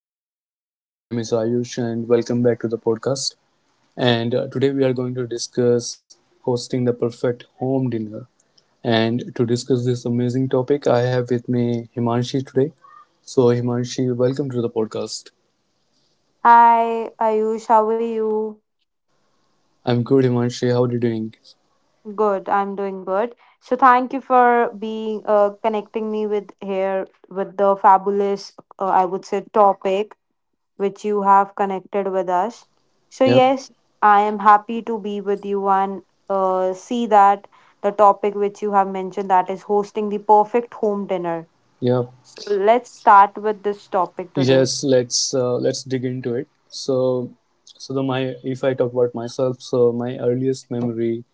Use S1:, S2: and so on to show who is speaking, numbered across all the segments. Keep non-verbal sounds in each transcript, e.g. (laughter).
S1: everyone, my name is Ayush and welcome back to the podcast. And Today we are going to discuss hosting the perfect home dinner. And to discuss this amazing topic, I have with me Himanshi today. So Himanshi, welcome to the podcast.
S2: Hi, Ayush, how are you?
S1: I'm good, Himanshi. How are you doing?
S2: Good, I'm doing good. So thank you for being connecting me with here with the fabulous, I would say, topic which you have connected with us. So
S1: Yep,
S2: yes, I am happy to be with you and see that the topic which you have mentioned that is hosting the perfect home dinner.
S1: yep,
S2: So let's start with this topic today.
S1: yes. Let's dig into it. So, so the my if I talk about myself, so my earliest memory,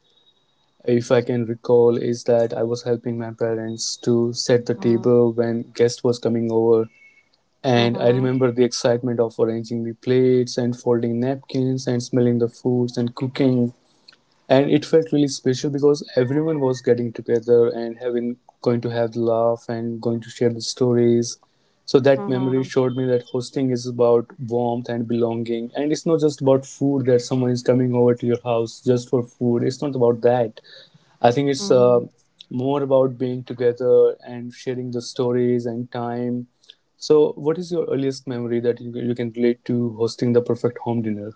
S1: if I can recall, is that I was helping my parents to set the
S2: Mm-hmm.
S1: table when guest was coming over. And I
S2: Mm-hmm.
S1: remember the excitement of arranging the plates and folding napkins and smelling the foods and cooking. And it felt really special because everyone was getting together and having going to have the laugh and going to share the stories. So that memory showed me that hosting is about warmth and belonging. And it's not just about food, that someone is coming over to your house just for food. It's not about that. I think it's
S2: Mm-hmm.
S1: more about being together and sharing the stories and time. So, what is your earliest memory that you can relate to hosting the perfect home dinner?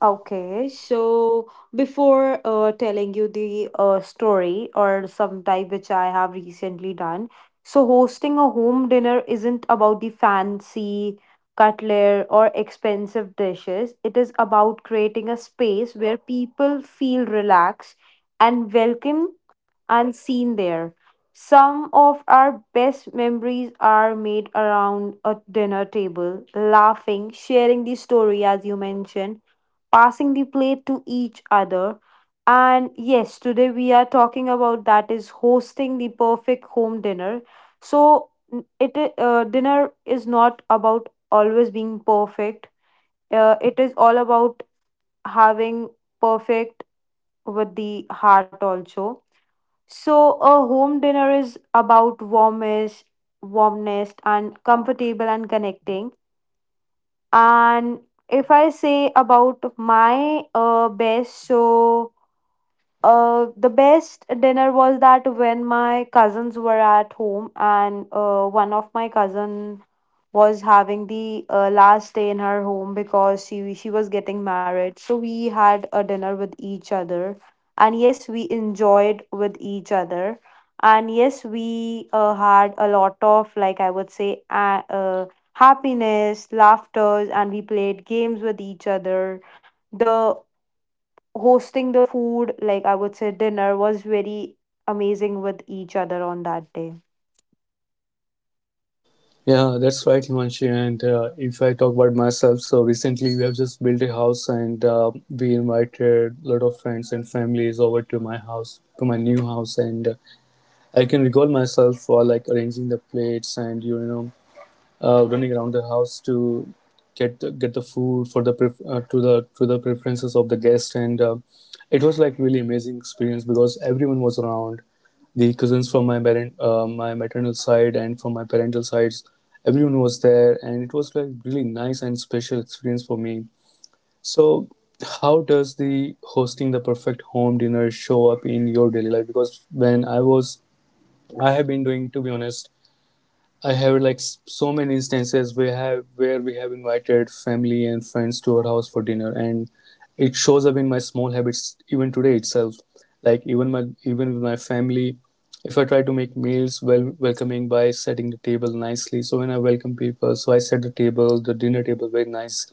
S2: Okay, so before telling you the story or some type which I have recently done, so hosting a home dinner isn't about the fancy cutlery or expensive dishes. It is about creating a space where people feel relaxed and welcome and seen there. Some of our best memories are made around a dinner table, laughing, sharing the story, as you mentioned, passing the plate to each other. And yes, today we are talking about that is hosting the perfect home dinner. So, dinner is not about always being perfect. It is all about having perfect with the heart also. So a home dinner is about warmest, warmness and comfortable and connecting. And if I say about my best, so the best dinner was that when my cousins were at home and one of my cousin was having the last day in her home because she was getting married. So we had a dinner with each other, and yes, we enjoyed with each other, and yes, we had a lot of, like I would say happiness, laughters, and we played games with each other. The hosting the food, like I would say dinner, was very amazing with each other on that day.
S1: Yeah, that's right, Himanshi. And If I talk about myself, so recently we have just built a house, and we invited a lot of friends and families over to my house, to my new house. And I can recall myself for like arranging the plates, and, you know, running around the house to get the food for the pref- to the preferences of the guest. And It was like really amazing experience because everyone was around, the cousins from my maternal side and from my parental sides, everyone was there, and it was like really nice and special experience for me. So how does the hosting the perfect home dinner show up in your daily life? Because when I was I have been doing, to be honest, I have like so many instances where have where we have invited family and friends to our house for dinner, and it shows up in my small habits even today itself. Like even with my family, if I try to make meals well welcoming by setting the table nicely. So when I welcome people, so I set the table, the dinner table very nice,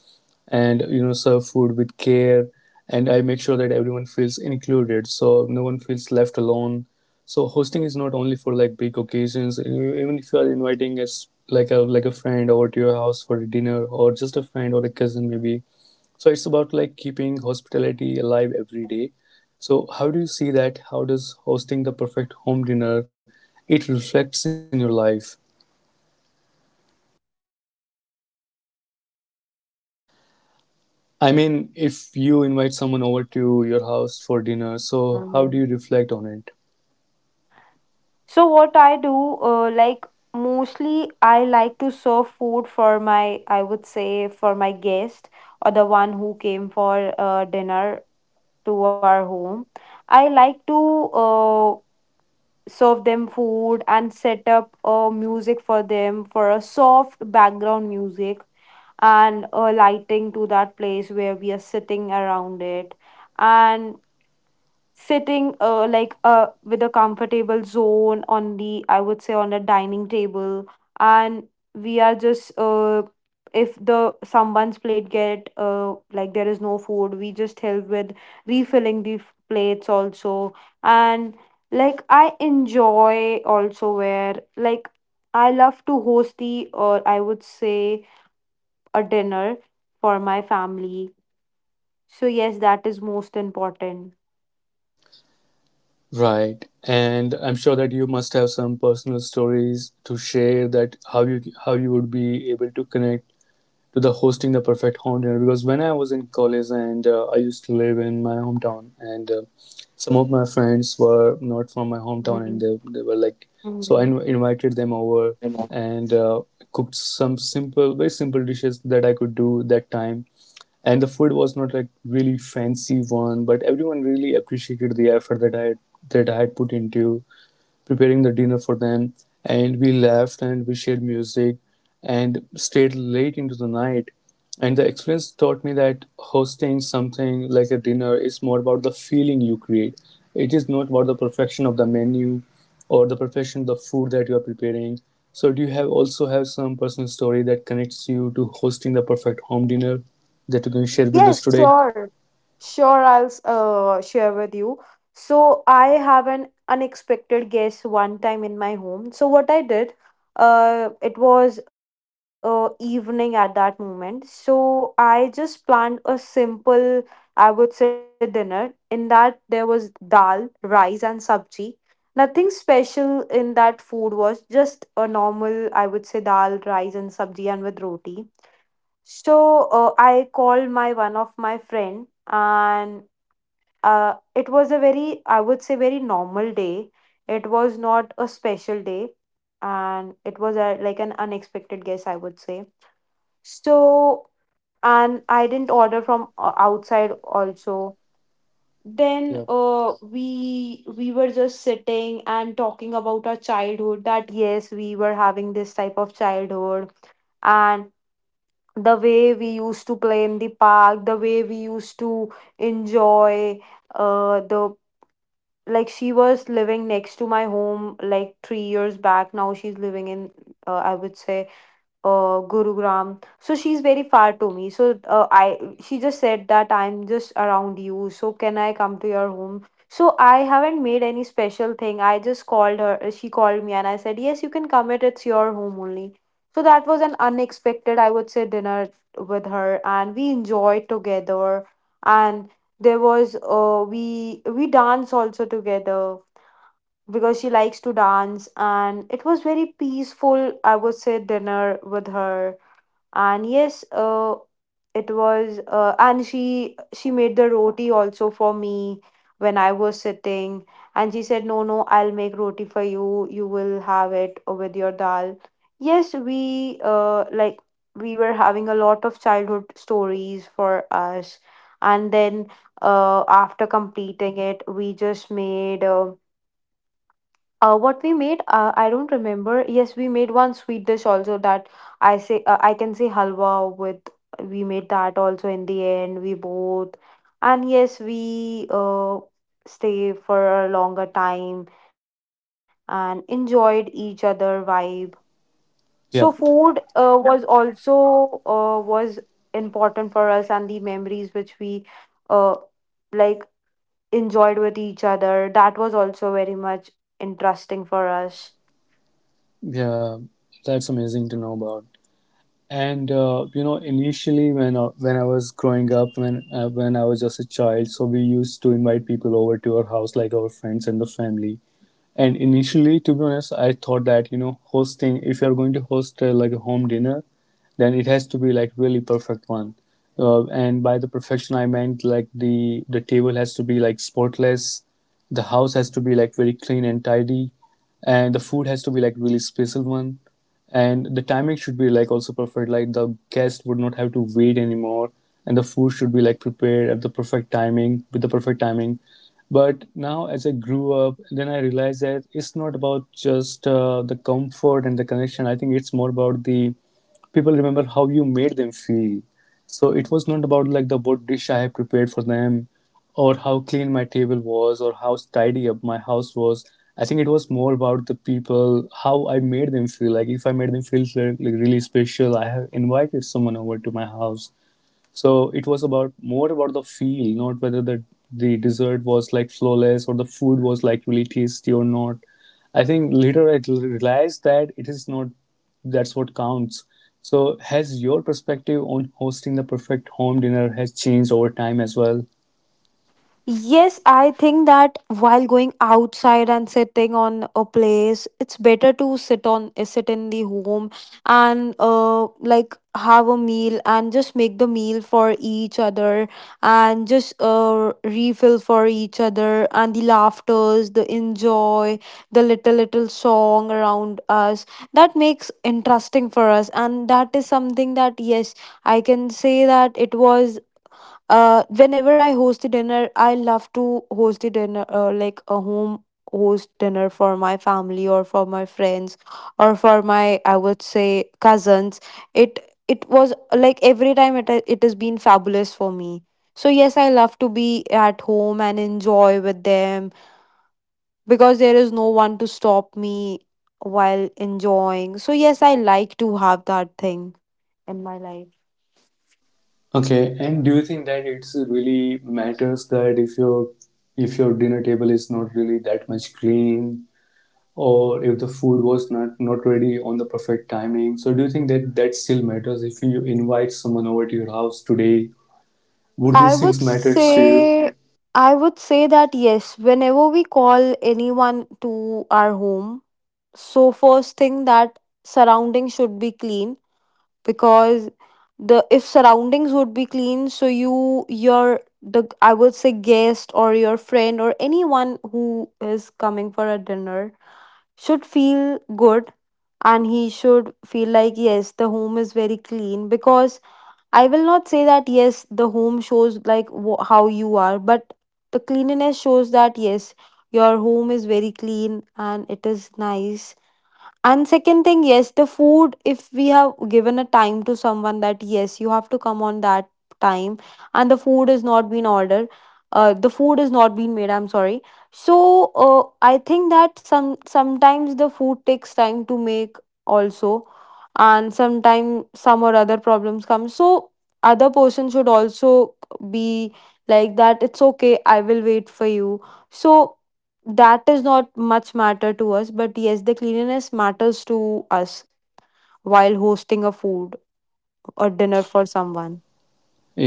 S1: and you know, serve food with care, and I make sure that everyone feels included, so no one feels left alone. So hosting is not only for like big occasions. Even if you are inviting us like a friend over to your house for a dinner, or just a friend or a cousin maybe. So it's about like keeping hospitality alive every day. So how do you see that? How does hosting the perfect home dinner it reflects in your life? I mean, if you invite someone over to your house for dinner, so how do you reflect on it?
S2: So what I do, like mostly I like to serve food for my, I would say for my guest or the one who came for dinner to our home. I like to serve them food and set up music for them for a soft background music and lighting to that place where we are sitting around it. And sitting with a comfortable zone on the, I would say on a dining table, and we are just if the someone's plate get like there is no food, we just help with refilling the plates also. And like I enjoy also where like I love to host the, or I would say a dinner for my family. So yes, that is most important.
S1: Right. And I'm sure that you must have some personal stories to share, that how you would be able to connect to the hosting the perfect home dinner. Because when I was in college, and I used to live in my hometown, and some of my friends were not from my hometown, and
S2: Mhm.
S1: they were like, so I
S2: Mhm.
S1: invited them over, and cooked some simple, very simple dishes that I could do that time, and the food was not like really fancy one, but everyone really appreciated the effort that I had put into preparing the dinner for them. And we laughed and we shared music and stayed late into the night. And the experience taught me that hosting something like a dinner is more about the feeling you create. It is not about the perfection of the menu or the perfection of the food that you are preparing. So do you have some personal story that connects you to hosting the perfect home dinner that you can share with us
S2: Yes,
S1: today?
S2: sure. Sure, I'll share with you. So, I have an unexpected guest one time in my home. So, what I did, it was evening at that moment. So, I just planned a simple, I would say, dinner. In that, there was dal, rice, and sabji. Nothing special in that food, was just a normal, I would say, dal, rice, and sabji, and with roti. So I called my one of my friend, and it was a very, I would say, very normal day. It was not a special day, and it was a, like an unexpected guess, I would say. So, and I didn't order from outside also. Then
S1: Yep.
S2: we were just sitting and talking about our childhood. That yes, we were having this type of childhood and the way we used to play in the park, the way we used to enjoy the, like she was living next to my home like 3 years back. Now she's living in I would say Gurugram. So she's very far to me. So I she just said that I'm just around you, so can I come to your home? So I haven't made any special thing. I just called her. She called me and I said, "Yes, you can come it. It's your home only." So that was an unexpected, I would say, dinner with her, and we enjoyed together. And there was we dance also together because she likes to dance, and it was very peaceful, I would say, dinner with her. And yes, it was and she made the roti also for me when I was sitting, and she said, "No no, I'll make roti for you, you will have it with your dal." Yes, we like, we were having a lot of childhood stories for us. And then after completing it, we just made what we made, I don't remember. Yes, we made one sweet dish also, that I say I can say halwa with. We made that also in the end. We both, and yes, we stay for a longer time and enjoyed each other vibe. So food
S1: Yep.
S2: was important for us, and the memories which we uh like enjoyed with each other, that was also very much interesting for us.
S1: Yeah. That's amazing to know about. And You know, initially when I was growing up, when I was just a child, so we used to invite people over to our house, like our friends and the family. And initially, to be honest, I thought that, you know, hosting, if you're going to host like a home dinner, then it has to be like really perfect one. And by the perfection, I meant like the table has to be like spotless, the house has to be like very clean and tidy, and the food has to be like really special one, and the timing should be like also perfect. Like the guest would not have to wait anymore, and the food should be like prepared at the perfect timing with the perfect timing. But now, as I grew up, then I realized that it's not about just the comfort and the connection. I think it's more about the people remember how you made them feel. So it was not about like the what dish I have prepared for them, or how clean my table was, or how tidy up my house was. I think it was more about the people, how I made them feel. Like if I made them feel like really special, I have invited someone over to my house. So it was about more about the feel, not whether the dessert was like flawless or the food was like really tasty or not. I think later I realized that it is not that's what counts. So has your perspective on hosting the perfect home dinner has changed over time as well?
S2: Yes, I think that while going outside and sitting on a place, it's better to sit on sit in the home and like have a meal and just make the meal for each other, and just refill for each other, and the laughters, the enjoy, the little little song around us. That makes interesting for us, and that is something that yes, I can say that it was whenever I host a dinner, I love to host a dinner like a home host dinner for my family or for my friends or for my, I would say, cousins. It it was like every time it has been fabulous for me. So yes, I love to be at home and enjoy with them because there is no one to stop me while enjoying. So yes, I like to have that thing in my life.
S1: Okay, and do you think that it's really matters that if your dinner table is not really that much clean, or if the food was not ready on the perfect timing? So do you think that that still matters? If you invite someone over to your house today, would
S2: I
S1: these things
S2: would
S1: matter to you?
S2: say I would say that yes, whenever we call anyone to our home, so first thing, that surroundings should be clean, because the, if surroundings would be clean, so you, your the, I would say, guest or your friend or anyone who is coming for a dinner should feel good, and he should feel like yes, the home is very clean. Because I will not say that yes, the home shows like how you are, but the cleanliness shows that yes, your home is very clean and it is nice. And second thing, yes, the food, if we have given a time to someone that yes, you have to come on that time and the food is not been ordered, the food is not been made, I'm sorry. So I think that some sometimes the food takes time to make also, and sometime some or other problems come. So other person should also be like that, it's okay, I will wait for you. So that is not much matter to us, but yes, the cleanliness matters to us while hosting a food or dinner for someone.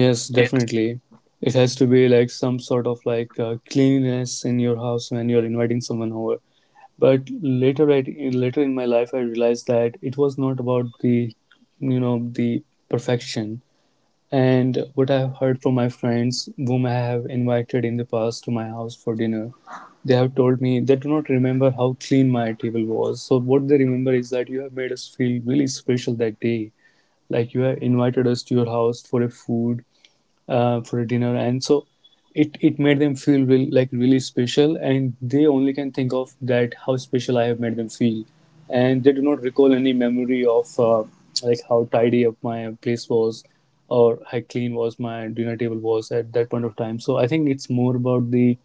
S1: Yes, definitely, it has to be like some sort of like cleanliness in your house when you're inviting someone over. but later I, Later in my life I realized that it was not about the, you know, the perfection. And what I've heard from my friends, whom I have invited in the past to my house for dinner, they have told me they do not remember how clean my table was. So, what they remember is that you have made us feel really special that day. Like you have invited us to your house for a food, for a dinner. And so it made them feel real, like really special, and they only can think of that how special I have made them feel, and they do not recall any memory of like how tidy up my place was, or how clean was my dinner table was at that point of time. So I think it's more about the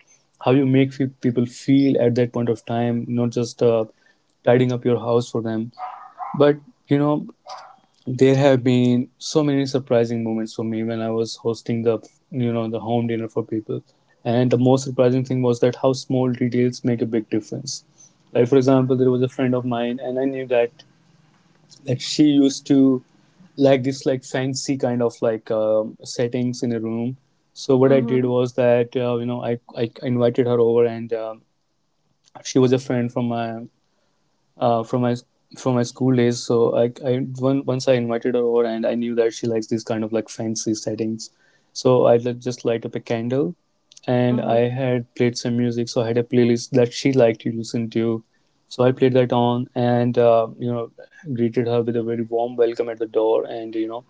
S1: how you make people feel at that point of time, not just tidying up your house for them. But you know, there have been so many surprising moments for me when I was hosting the, you know, the home dinner for people. And the most surprising thing was that how small details make a big difference. Like for example, there was a friend of mine, and I knew that she used to like this like fancy kind of like settings in a room. So what I did
S2: Mm-hmm.
S1: was that you know, I invited her over, and she was a friend from my from my from my school days. So once I invited her over, and I knew that she likes these kind of like fancy settings. So I would just light up a candle, and I
S2: Mm-hmm.
S1: had played some music, so I had a playlist that she liked to listen to. So I played that on, and you know, greeted her with a very warm welcome at the door, and you know,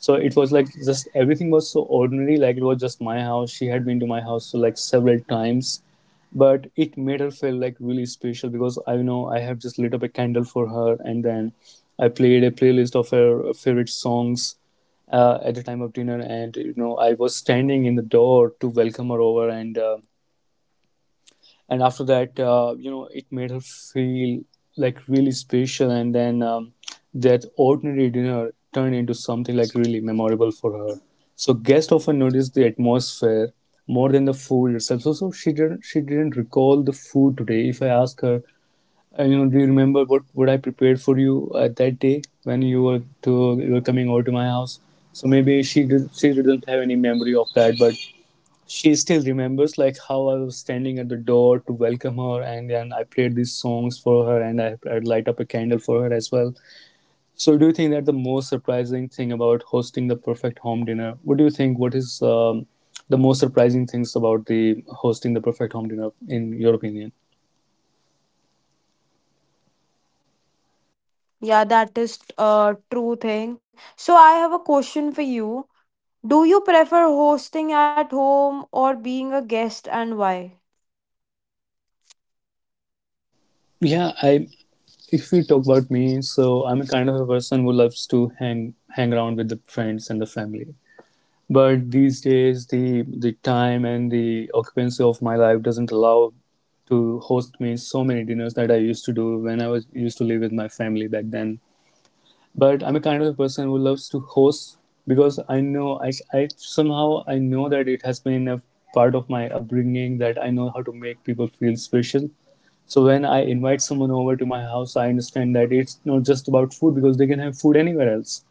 S1: so it was like just everything was so ordinary, like it was just my house. She had been to my house so like several times, but it made her feel like really special, because I know I have just lit up a candle for her, and then I played a playlist of her favorite songs at the time of dinner, and you know, I was standing in the door to welcome her over, and and after that, you know, it made her feel like really special, and then that ordinary dinner turned into something like really memorable for her. So guests often notice the atmosphere more than the food itself. So she didn't recall the food today. If I ask her, do you remember what I prepared for you that day when you were coming over to my house? So maybe she did not have any memory of that, but she still remembers like how I was standing at the door to welcome her, and then I played these songs for her, and I'd light up a candle for her as well. So do you think that the most surprising thing about hosting the perfect home dinner? What do you think? What is The most surprising things about the hosting the perfect home dinner in your opinion?
S2: Yeah, that is a true thing. So I have a question for you: do you prefer hosting at home or being a guest, and why?
S1: Yeah, I. If we talk about me, so I'm a kind of a person who loves to hang around with the friends and the family. But these days, the time and the occupancy of my life doesn't allow to host me so many dinners that I used to do when I was used to live with my family back then. But I'm a kind of a person who loves to host because I somehow I know that it has been a part of my upbringing, that I know how to make people feel special. So when I invite someone over to my house, I understand that it's not just about food because they can have food anywhere else.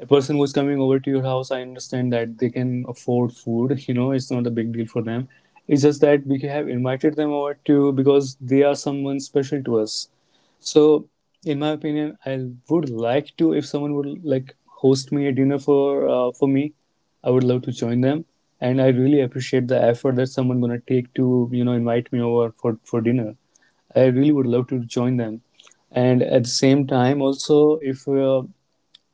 S1: A person who's coming over to your house, I understand that they can afford food. You know, it's not a big deal for them. It's just that we have invited them over to, because they are someone special to us. So, in my opinion, I would like to, if someone would like host me a dinner for, for me, I would love to join them. And I really appreciate the effort that someone gonna take to, you know, invite me over for dinner. I really would love to join them. And at the same time, also,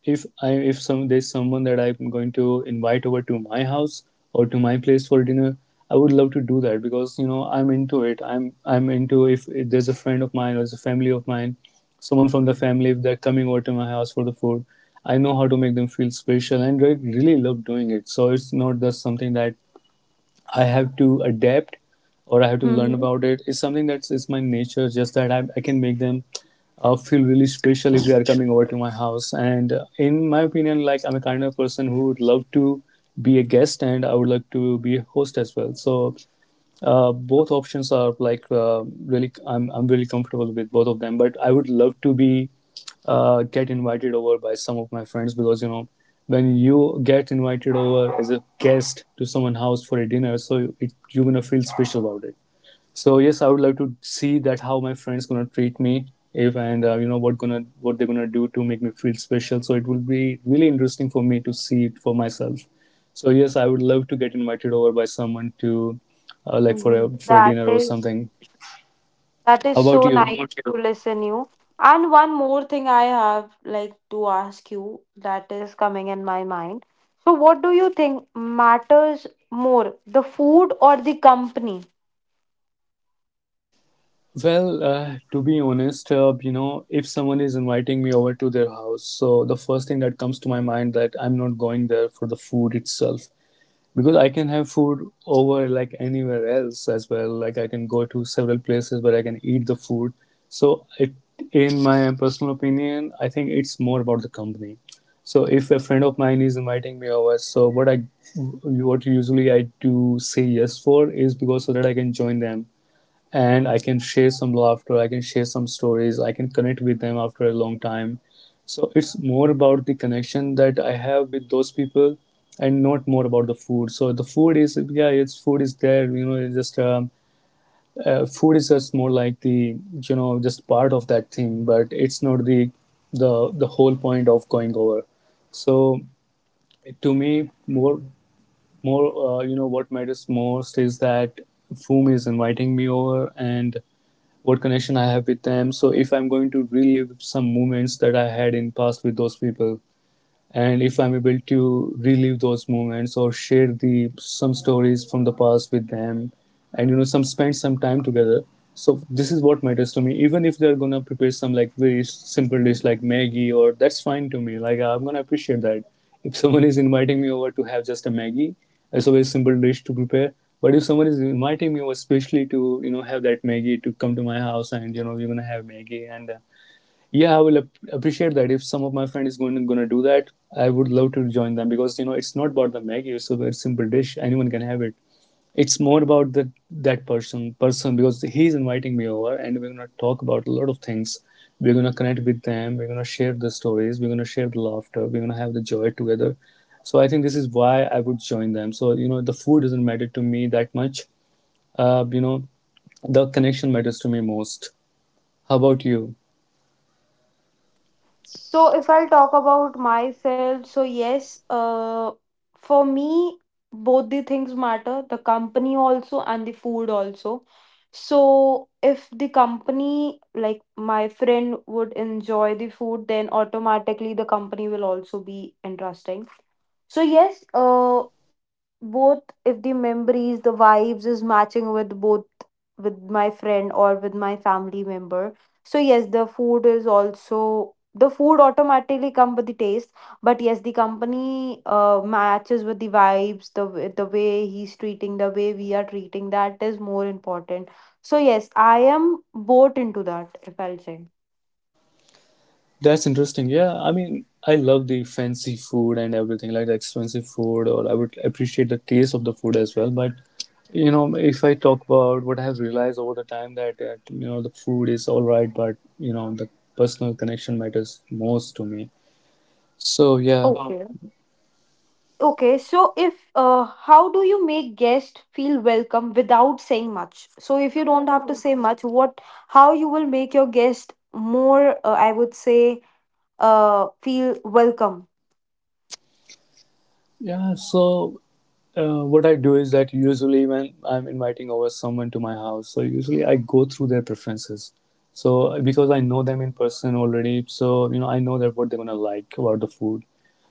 S1: if I, if some there's someone that I'm going to invite over to my house or to my place for dinner, I would love to do that because, you know, I'm into it. I'm into, if there's a friend of mine or there's a family of mine, someone from the family, if they're coming over to my house for the food, I know how to make them feel special and I really love doing it. So it's not just something that I have to adapt or I have to learn
S2: Mm-hmm.
S1: about it. It's something that's it's my nature, just that I can make them feel really special if they are coming over to my house. And in my opinion, like I'm a kind of person who would love to be a guest and I would like to be a host as well. So both options are like really. I'm really comfortable with both of them, but I would love to be get invited over by some of my friends because, you know, when you get invited over as a guest to someone's house for a dinner, so it, you're gonna feel special about it. So yes, I would love to see that how my friends gonna treat me if and you know what gonna what they're gonna do to make me feel special. So it will be really interesting for me to see it for myself. So yes, I would love to get invited over by someone to, like
S2: Mm-hmm.
S1: for a
S2: That
S1: dinner or
S2: is
S1: something.
S2: That
S1: How
S2: is
S1: about
S2: so
S1: you?
S2: nice. Okay. To listen you. And one more thing I have like to ask you, that is coming in my mind. So what do you think matters more, the food or the company?
S1: Well, to be honest, you know, if someone is inviting me over to their house, so the first thing that comes to my mind that I'm not going there for the food itself, because I can have food over like anywhere else as well. Like I can go to several places where I can eat the food. So it, in my personal opinion, I think it's more about the company. So if a friend of mine is inviting me over, so what usually I do say yes for is because so that I can join them and I can share some laughter, I can share some stories, I can connect with them after a long time. So it's more about the connection that I have with those people and not more about the food. So the food is, yeah, it's food is there, you know, it's just, food is just more like the, you know, just part of that thing, but it's not the whole point of going over. So to me, more, you know, what matters most is that Foom is inviting me over and what connection I have with them. So if I'm going to relive some moments that I had in past with those people, and if I'm able to relive those moments or share the some stories from the past with them, and you know some spend some time together, so this is what matters to me, even if they're gonna prepare some like very simple dish like maggie, or that's fine to me, like I'm gonna appreciate that. If someone is inviting me over to have just a maggie, it's a very simple dish to prepare. But if someone is inviting me over, especially to, you know, have that maggie, to come to my house and you know we're gonna have maggie, and yeah, I will appreciate that if some of my friend is going going to do that. I would love to join them because, you know, it's not about the maggie, it's a very simple dish, anyone can have it. It's more about the that person because he's inviting me over and we're going to talk about a lot of things. We're going to connect with them, we're going to share the stories, we're going to share the laughter, we're going to have the joy together. So I think this is why I would join them. So, you know, the food doesn't matter to me that much. You know, the connection matters to me most. How about you?
S2: So if I'll talk about myself, so yes, for me, both the things matter, the company also and the food also. So if the company, like my friend would enjoy the food, then automatically the company will also be interesting. So yes, both, if the memories, the vibes is matching with both, with my friend or with my family member, so yes, the food is also, the food automatically come with the taste. But yes, the company matches with the vibes, the the way he's treating, the way we are treating, that is more important. So yes, I am both into that, if I'll say.
S1: That's interesting. Yeah, I mean, I love the fancy food and everything, like the expensive food, or I would appreciate the taste of the food as well. But you know, if I talk about what I have realized over the time that, you know, the food is all right, but you know the personal connection matters most to me. So yeah,
S2: Okay. Okay, so if how do you make guests feel welcome without saying much? So if you don't have to say much, what, how you will make your guest more, I would say, feel welcome.
S1: yeah. So what I do is that usually when I'm inviting over someone to my house, so usually I go through their preferences. So because I know them in person already, so you know I know that what they're gonna like about the food.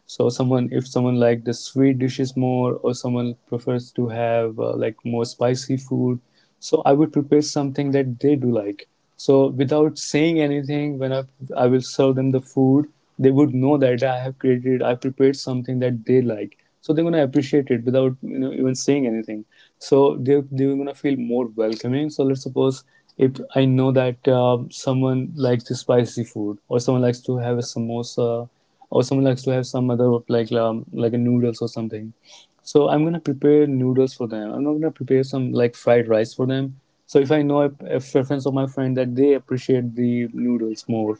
S1: So someone, if someone like the sweet dishes more, or someone prefers to have like more spicy food, so I would prepare something that they do like. So without saying anything, when I will serve them the food, they would know that I prepared something that they like. So they're gonna appreciate it without, you know, even saying anything. So they're gonna feel more welcoming. So let's suppose if I know that someone likes the spicy food, or someone likes to have a samosa, or someone likes to have some other like a noodles or something, so I'm gonna prepare noodles for them. I'm not gonna prepare some like fried rice for them. So if I know a preference of my friend that they appreciate the noodles more,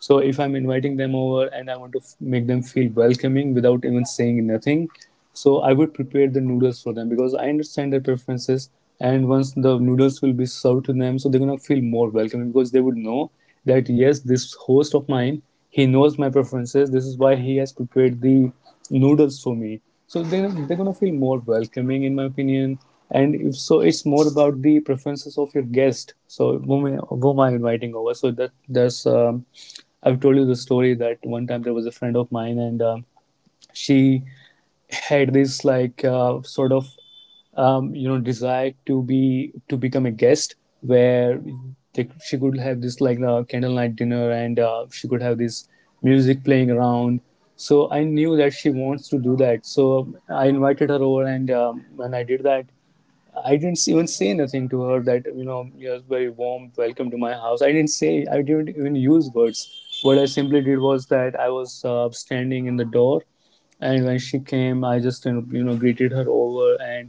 S1: so if I'm inviting them over and I want to make them feel welcoming without even saying nothing, so I would prepare the noodles for them because I understand their preferences. And once the noodles will be served to them, so they're gonna feel more welcoming because they would know that yes, this host of mine, he knows my preferences. This is why he has prepared the noodles for me. So they're going to feel more welcoming, in my opinion. And if so, it's more about the preferences of your guest. So whom I'm inviting over. So that's I've told you the story that one time there was a friend of mine and. She had this like sort of you know, desire to be to become a guest where she could have this like candlelight dinner and she could have this music playing around. So I knew that she wants to do that. So I invited her over and when I did that, I didn't even say nothing to her that you know you're very warm, welcome to my house. I didn't say, I didn't even use words. What I simply did was that I was standing in the door, and when she came, I just greeted her over, and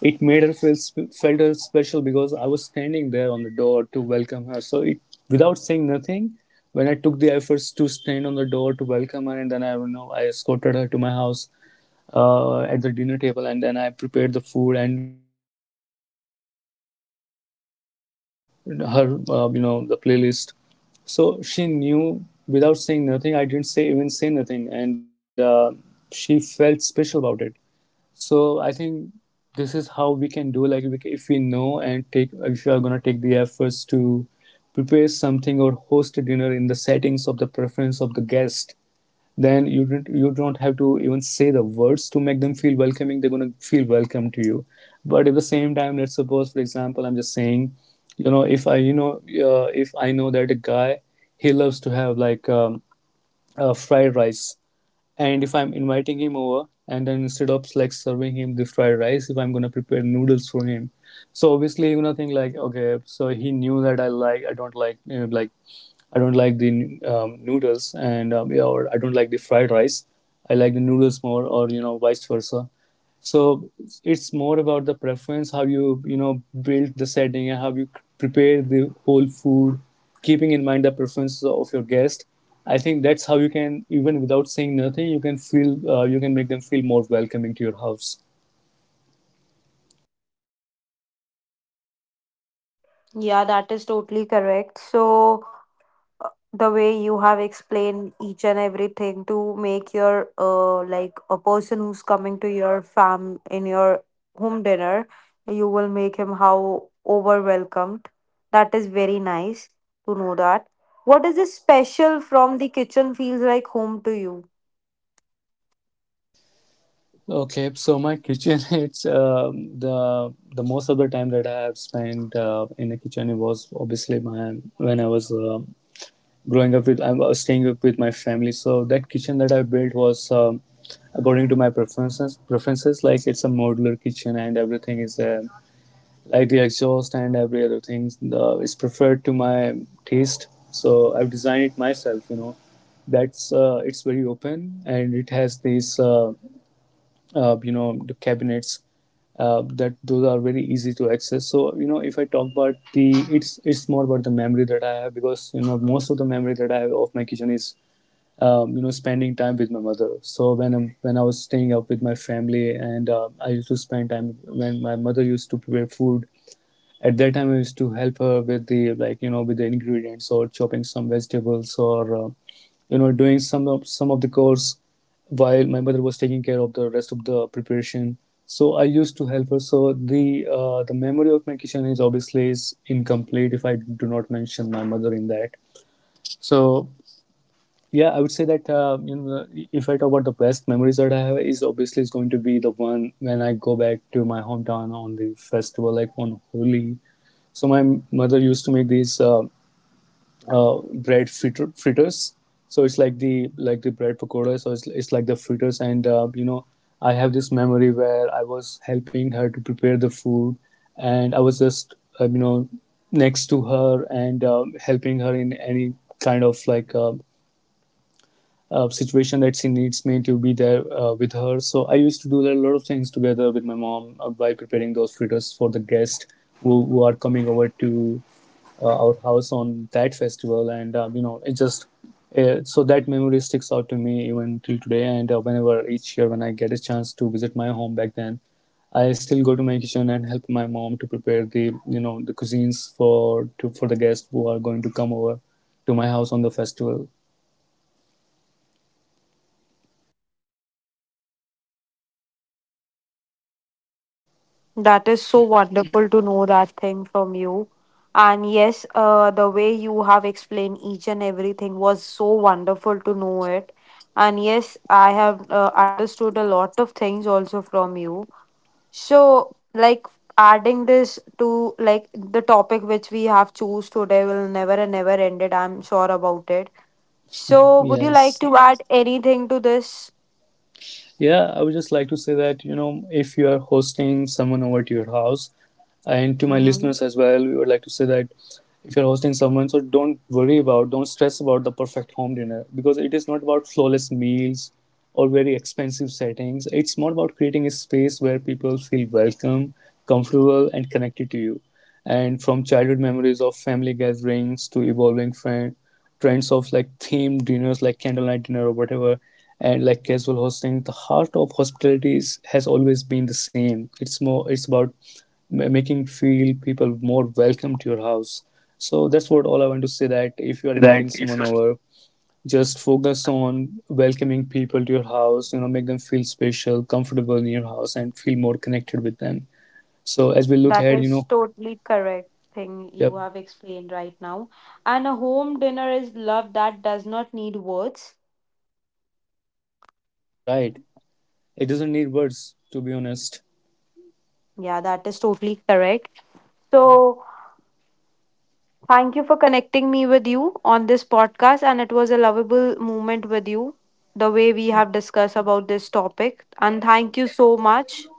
S1: it made her feel felt her special because I was standing there on the door to welcome her. So it, without saying nothing, when I took the efforts to stand on the door to welcome her, and then I I escorted her to my house at the dinner table, and then I prepared the food and light up the candles, and then I played the music, her the playlist. So she knew without saying nothing. I didn't say even say nothing, and she felt special about it. So I think this is how we can do like we, if we know and take if you are gonna take the efforts to prepare something or host a dinner in the settings of the preference of the guest, then you don't have to even say the words to make them feel welcoming. They're going to feel welcome to you. But at the same time, let's suppose, for example, I'm just saying, if I, if I know that a guy, he loves to have like fried rice, and if I'm inviting him over, and then instead of like serving him the fried rice, if I'm gonna prepare noodles for him, so obviously, think like, okay, so he knew that I like, I don't like, like I don't like the noodles and yeah, or I don't like the fried rice. I like the noodles more, or vice versa. So it's more about the preference, how you you know build the setting and how you prepare the whole food, keeping in mind the preferences of your guest. I think that's how you can, even without saying nothing, you can feel you can make them feel more welcoming to your house.
S2: Yeah, that is totally correct. So the way you have explained each and everything to make your like a person who's coming to your fam in your home dinner, you will make him how over welcomed, that is very nice to know that. What is this special from the kitchen feels like home to you?
S1: Okay, so my kitchen (laughs) it's the most of the time that I have spent in the kitchen, it was obviously my, when I was growing up with, I was staying up with my family, so that kitchen that I built was according to my preferences like it's a modular kitchen, and everything is like the exhaust and every other thing is preferred to my taste, so I've designed it myself, that's it's very open and it has these the cabinets that those are very easy to access. So if I talk about the, it's more about the memory that I have, because most of the memory that I have of my kitchen is spending time with my mother. So when I was staying up with my family, and I used to spend time when my mother used to prepare food. At that time, I used to help her with the, like, with the ingredients or chopping some vegetables, or you know doing some of the chores while my mother was taking care of the rest of the preparation. So I used to help her. So the memory of my kitchen is obviously is incomplete if I do not mention my mother in that. So yeah, I would say that, if I talk about the best memories that I have is obviously is going to be the one when I go back to my hometown on the festival, like on Holi. So my mother used to make these uh, fritters. So it's like the, like the bread pakoda, so it's like the fritters, and you know I have this memory where I was helping her to prepare the food, and I was just, next to her, and helping her in any kind of like situation that she needs me to be there with her. So I used to do a lot of things together with my mom by preparing those fritters for the guests who are coming over to our house on that festival. And, you know, it just, so that memory sticks out to me even till today. And whenever each year when I get a chance to visit my home back then, I still go to my kitchen and help my mom to prepare the, the cuisines for, to, for the guests who are going to come over to my house on the festival.
S2: That is so wonderful to know that thing from you. And yes, the way you have explained each and everything was so wonderful to know it. And yes, I have understood a lot of things also from you. So, like adding this to, like, the topic which we have choose today will never and never end it. I'm sure about it. So, would you like
S1: Yes.
S2: to add anything to this?
S1: Yeah, I would just like to say that, if you are hosting someone over to your house, and to my
S2: Mm-hmm.
S1: listeners as well, we would like to say that if you're hosting someone, so don't worry about, don't stress about the perfect home dinner, because it is not about flawless meals or very expensive settings. It's more about creating a space where people feel welcome, comfortable, and connected to you. And from childhood memories of family gatherings to evolving friend, trends of like themed dinners, like candlelight dinner or whatever, and like casual hosting, the heart of hospitality is, has always been the same. It's more, it's about making feel people more welcome to your house. So that's what all I want to say, that if you are inviting someone over, just focus on welcoming people to your house. Make them feel special, comfortable in your house, and feel more connected with them. So as we look
S2: That
S1: ahead,
S2: is totally correct thing
S1: yep,
S2: you have explained right now. And a home dinner is love that does not need words.
S1: right, it doesn't need words, to be honest.
S2: Yeah, that is totally correct. So, thank you for connecting me with you on this podcast. And it was a lovable moment with you, the way we have discussed about this topic. And thank you so much.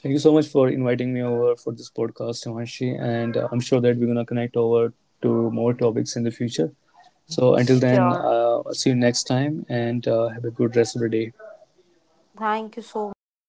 S1: Thank you so much for inviting me over for this podcast, Himanshi, and I'm sure that we're gonna connect over to more topics in the future. So until then,
S2: Sure.
S1: I'll see you next time, and have a good rest of the day.
S2: Thank you so much.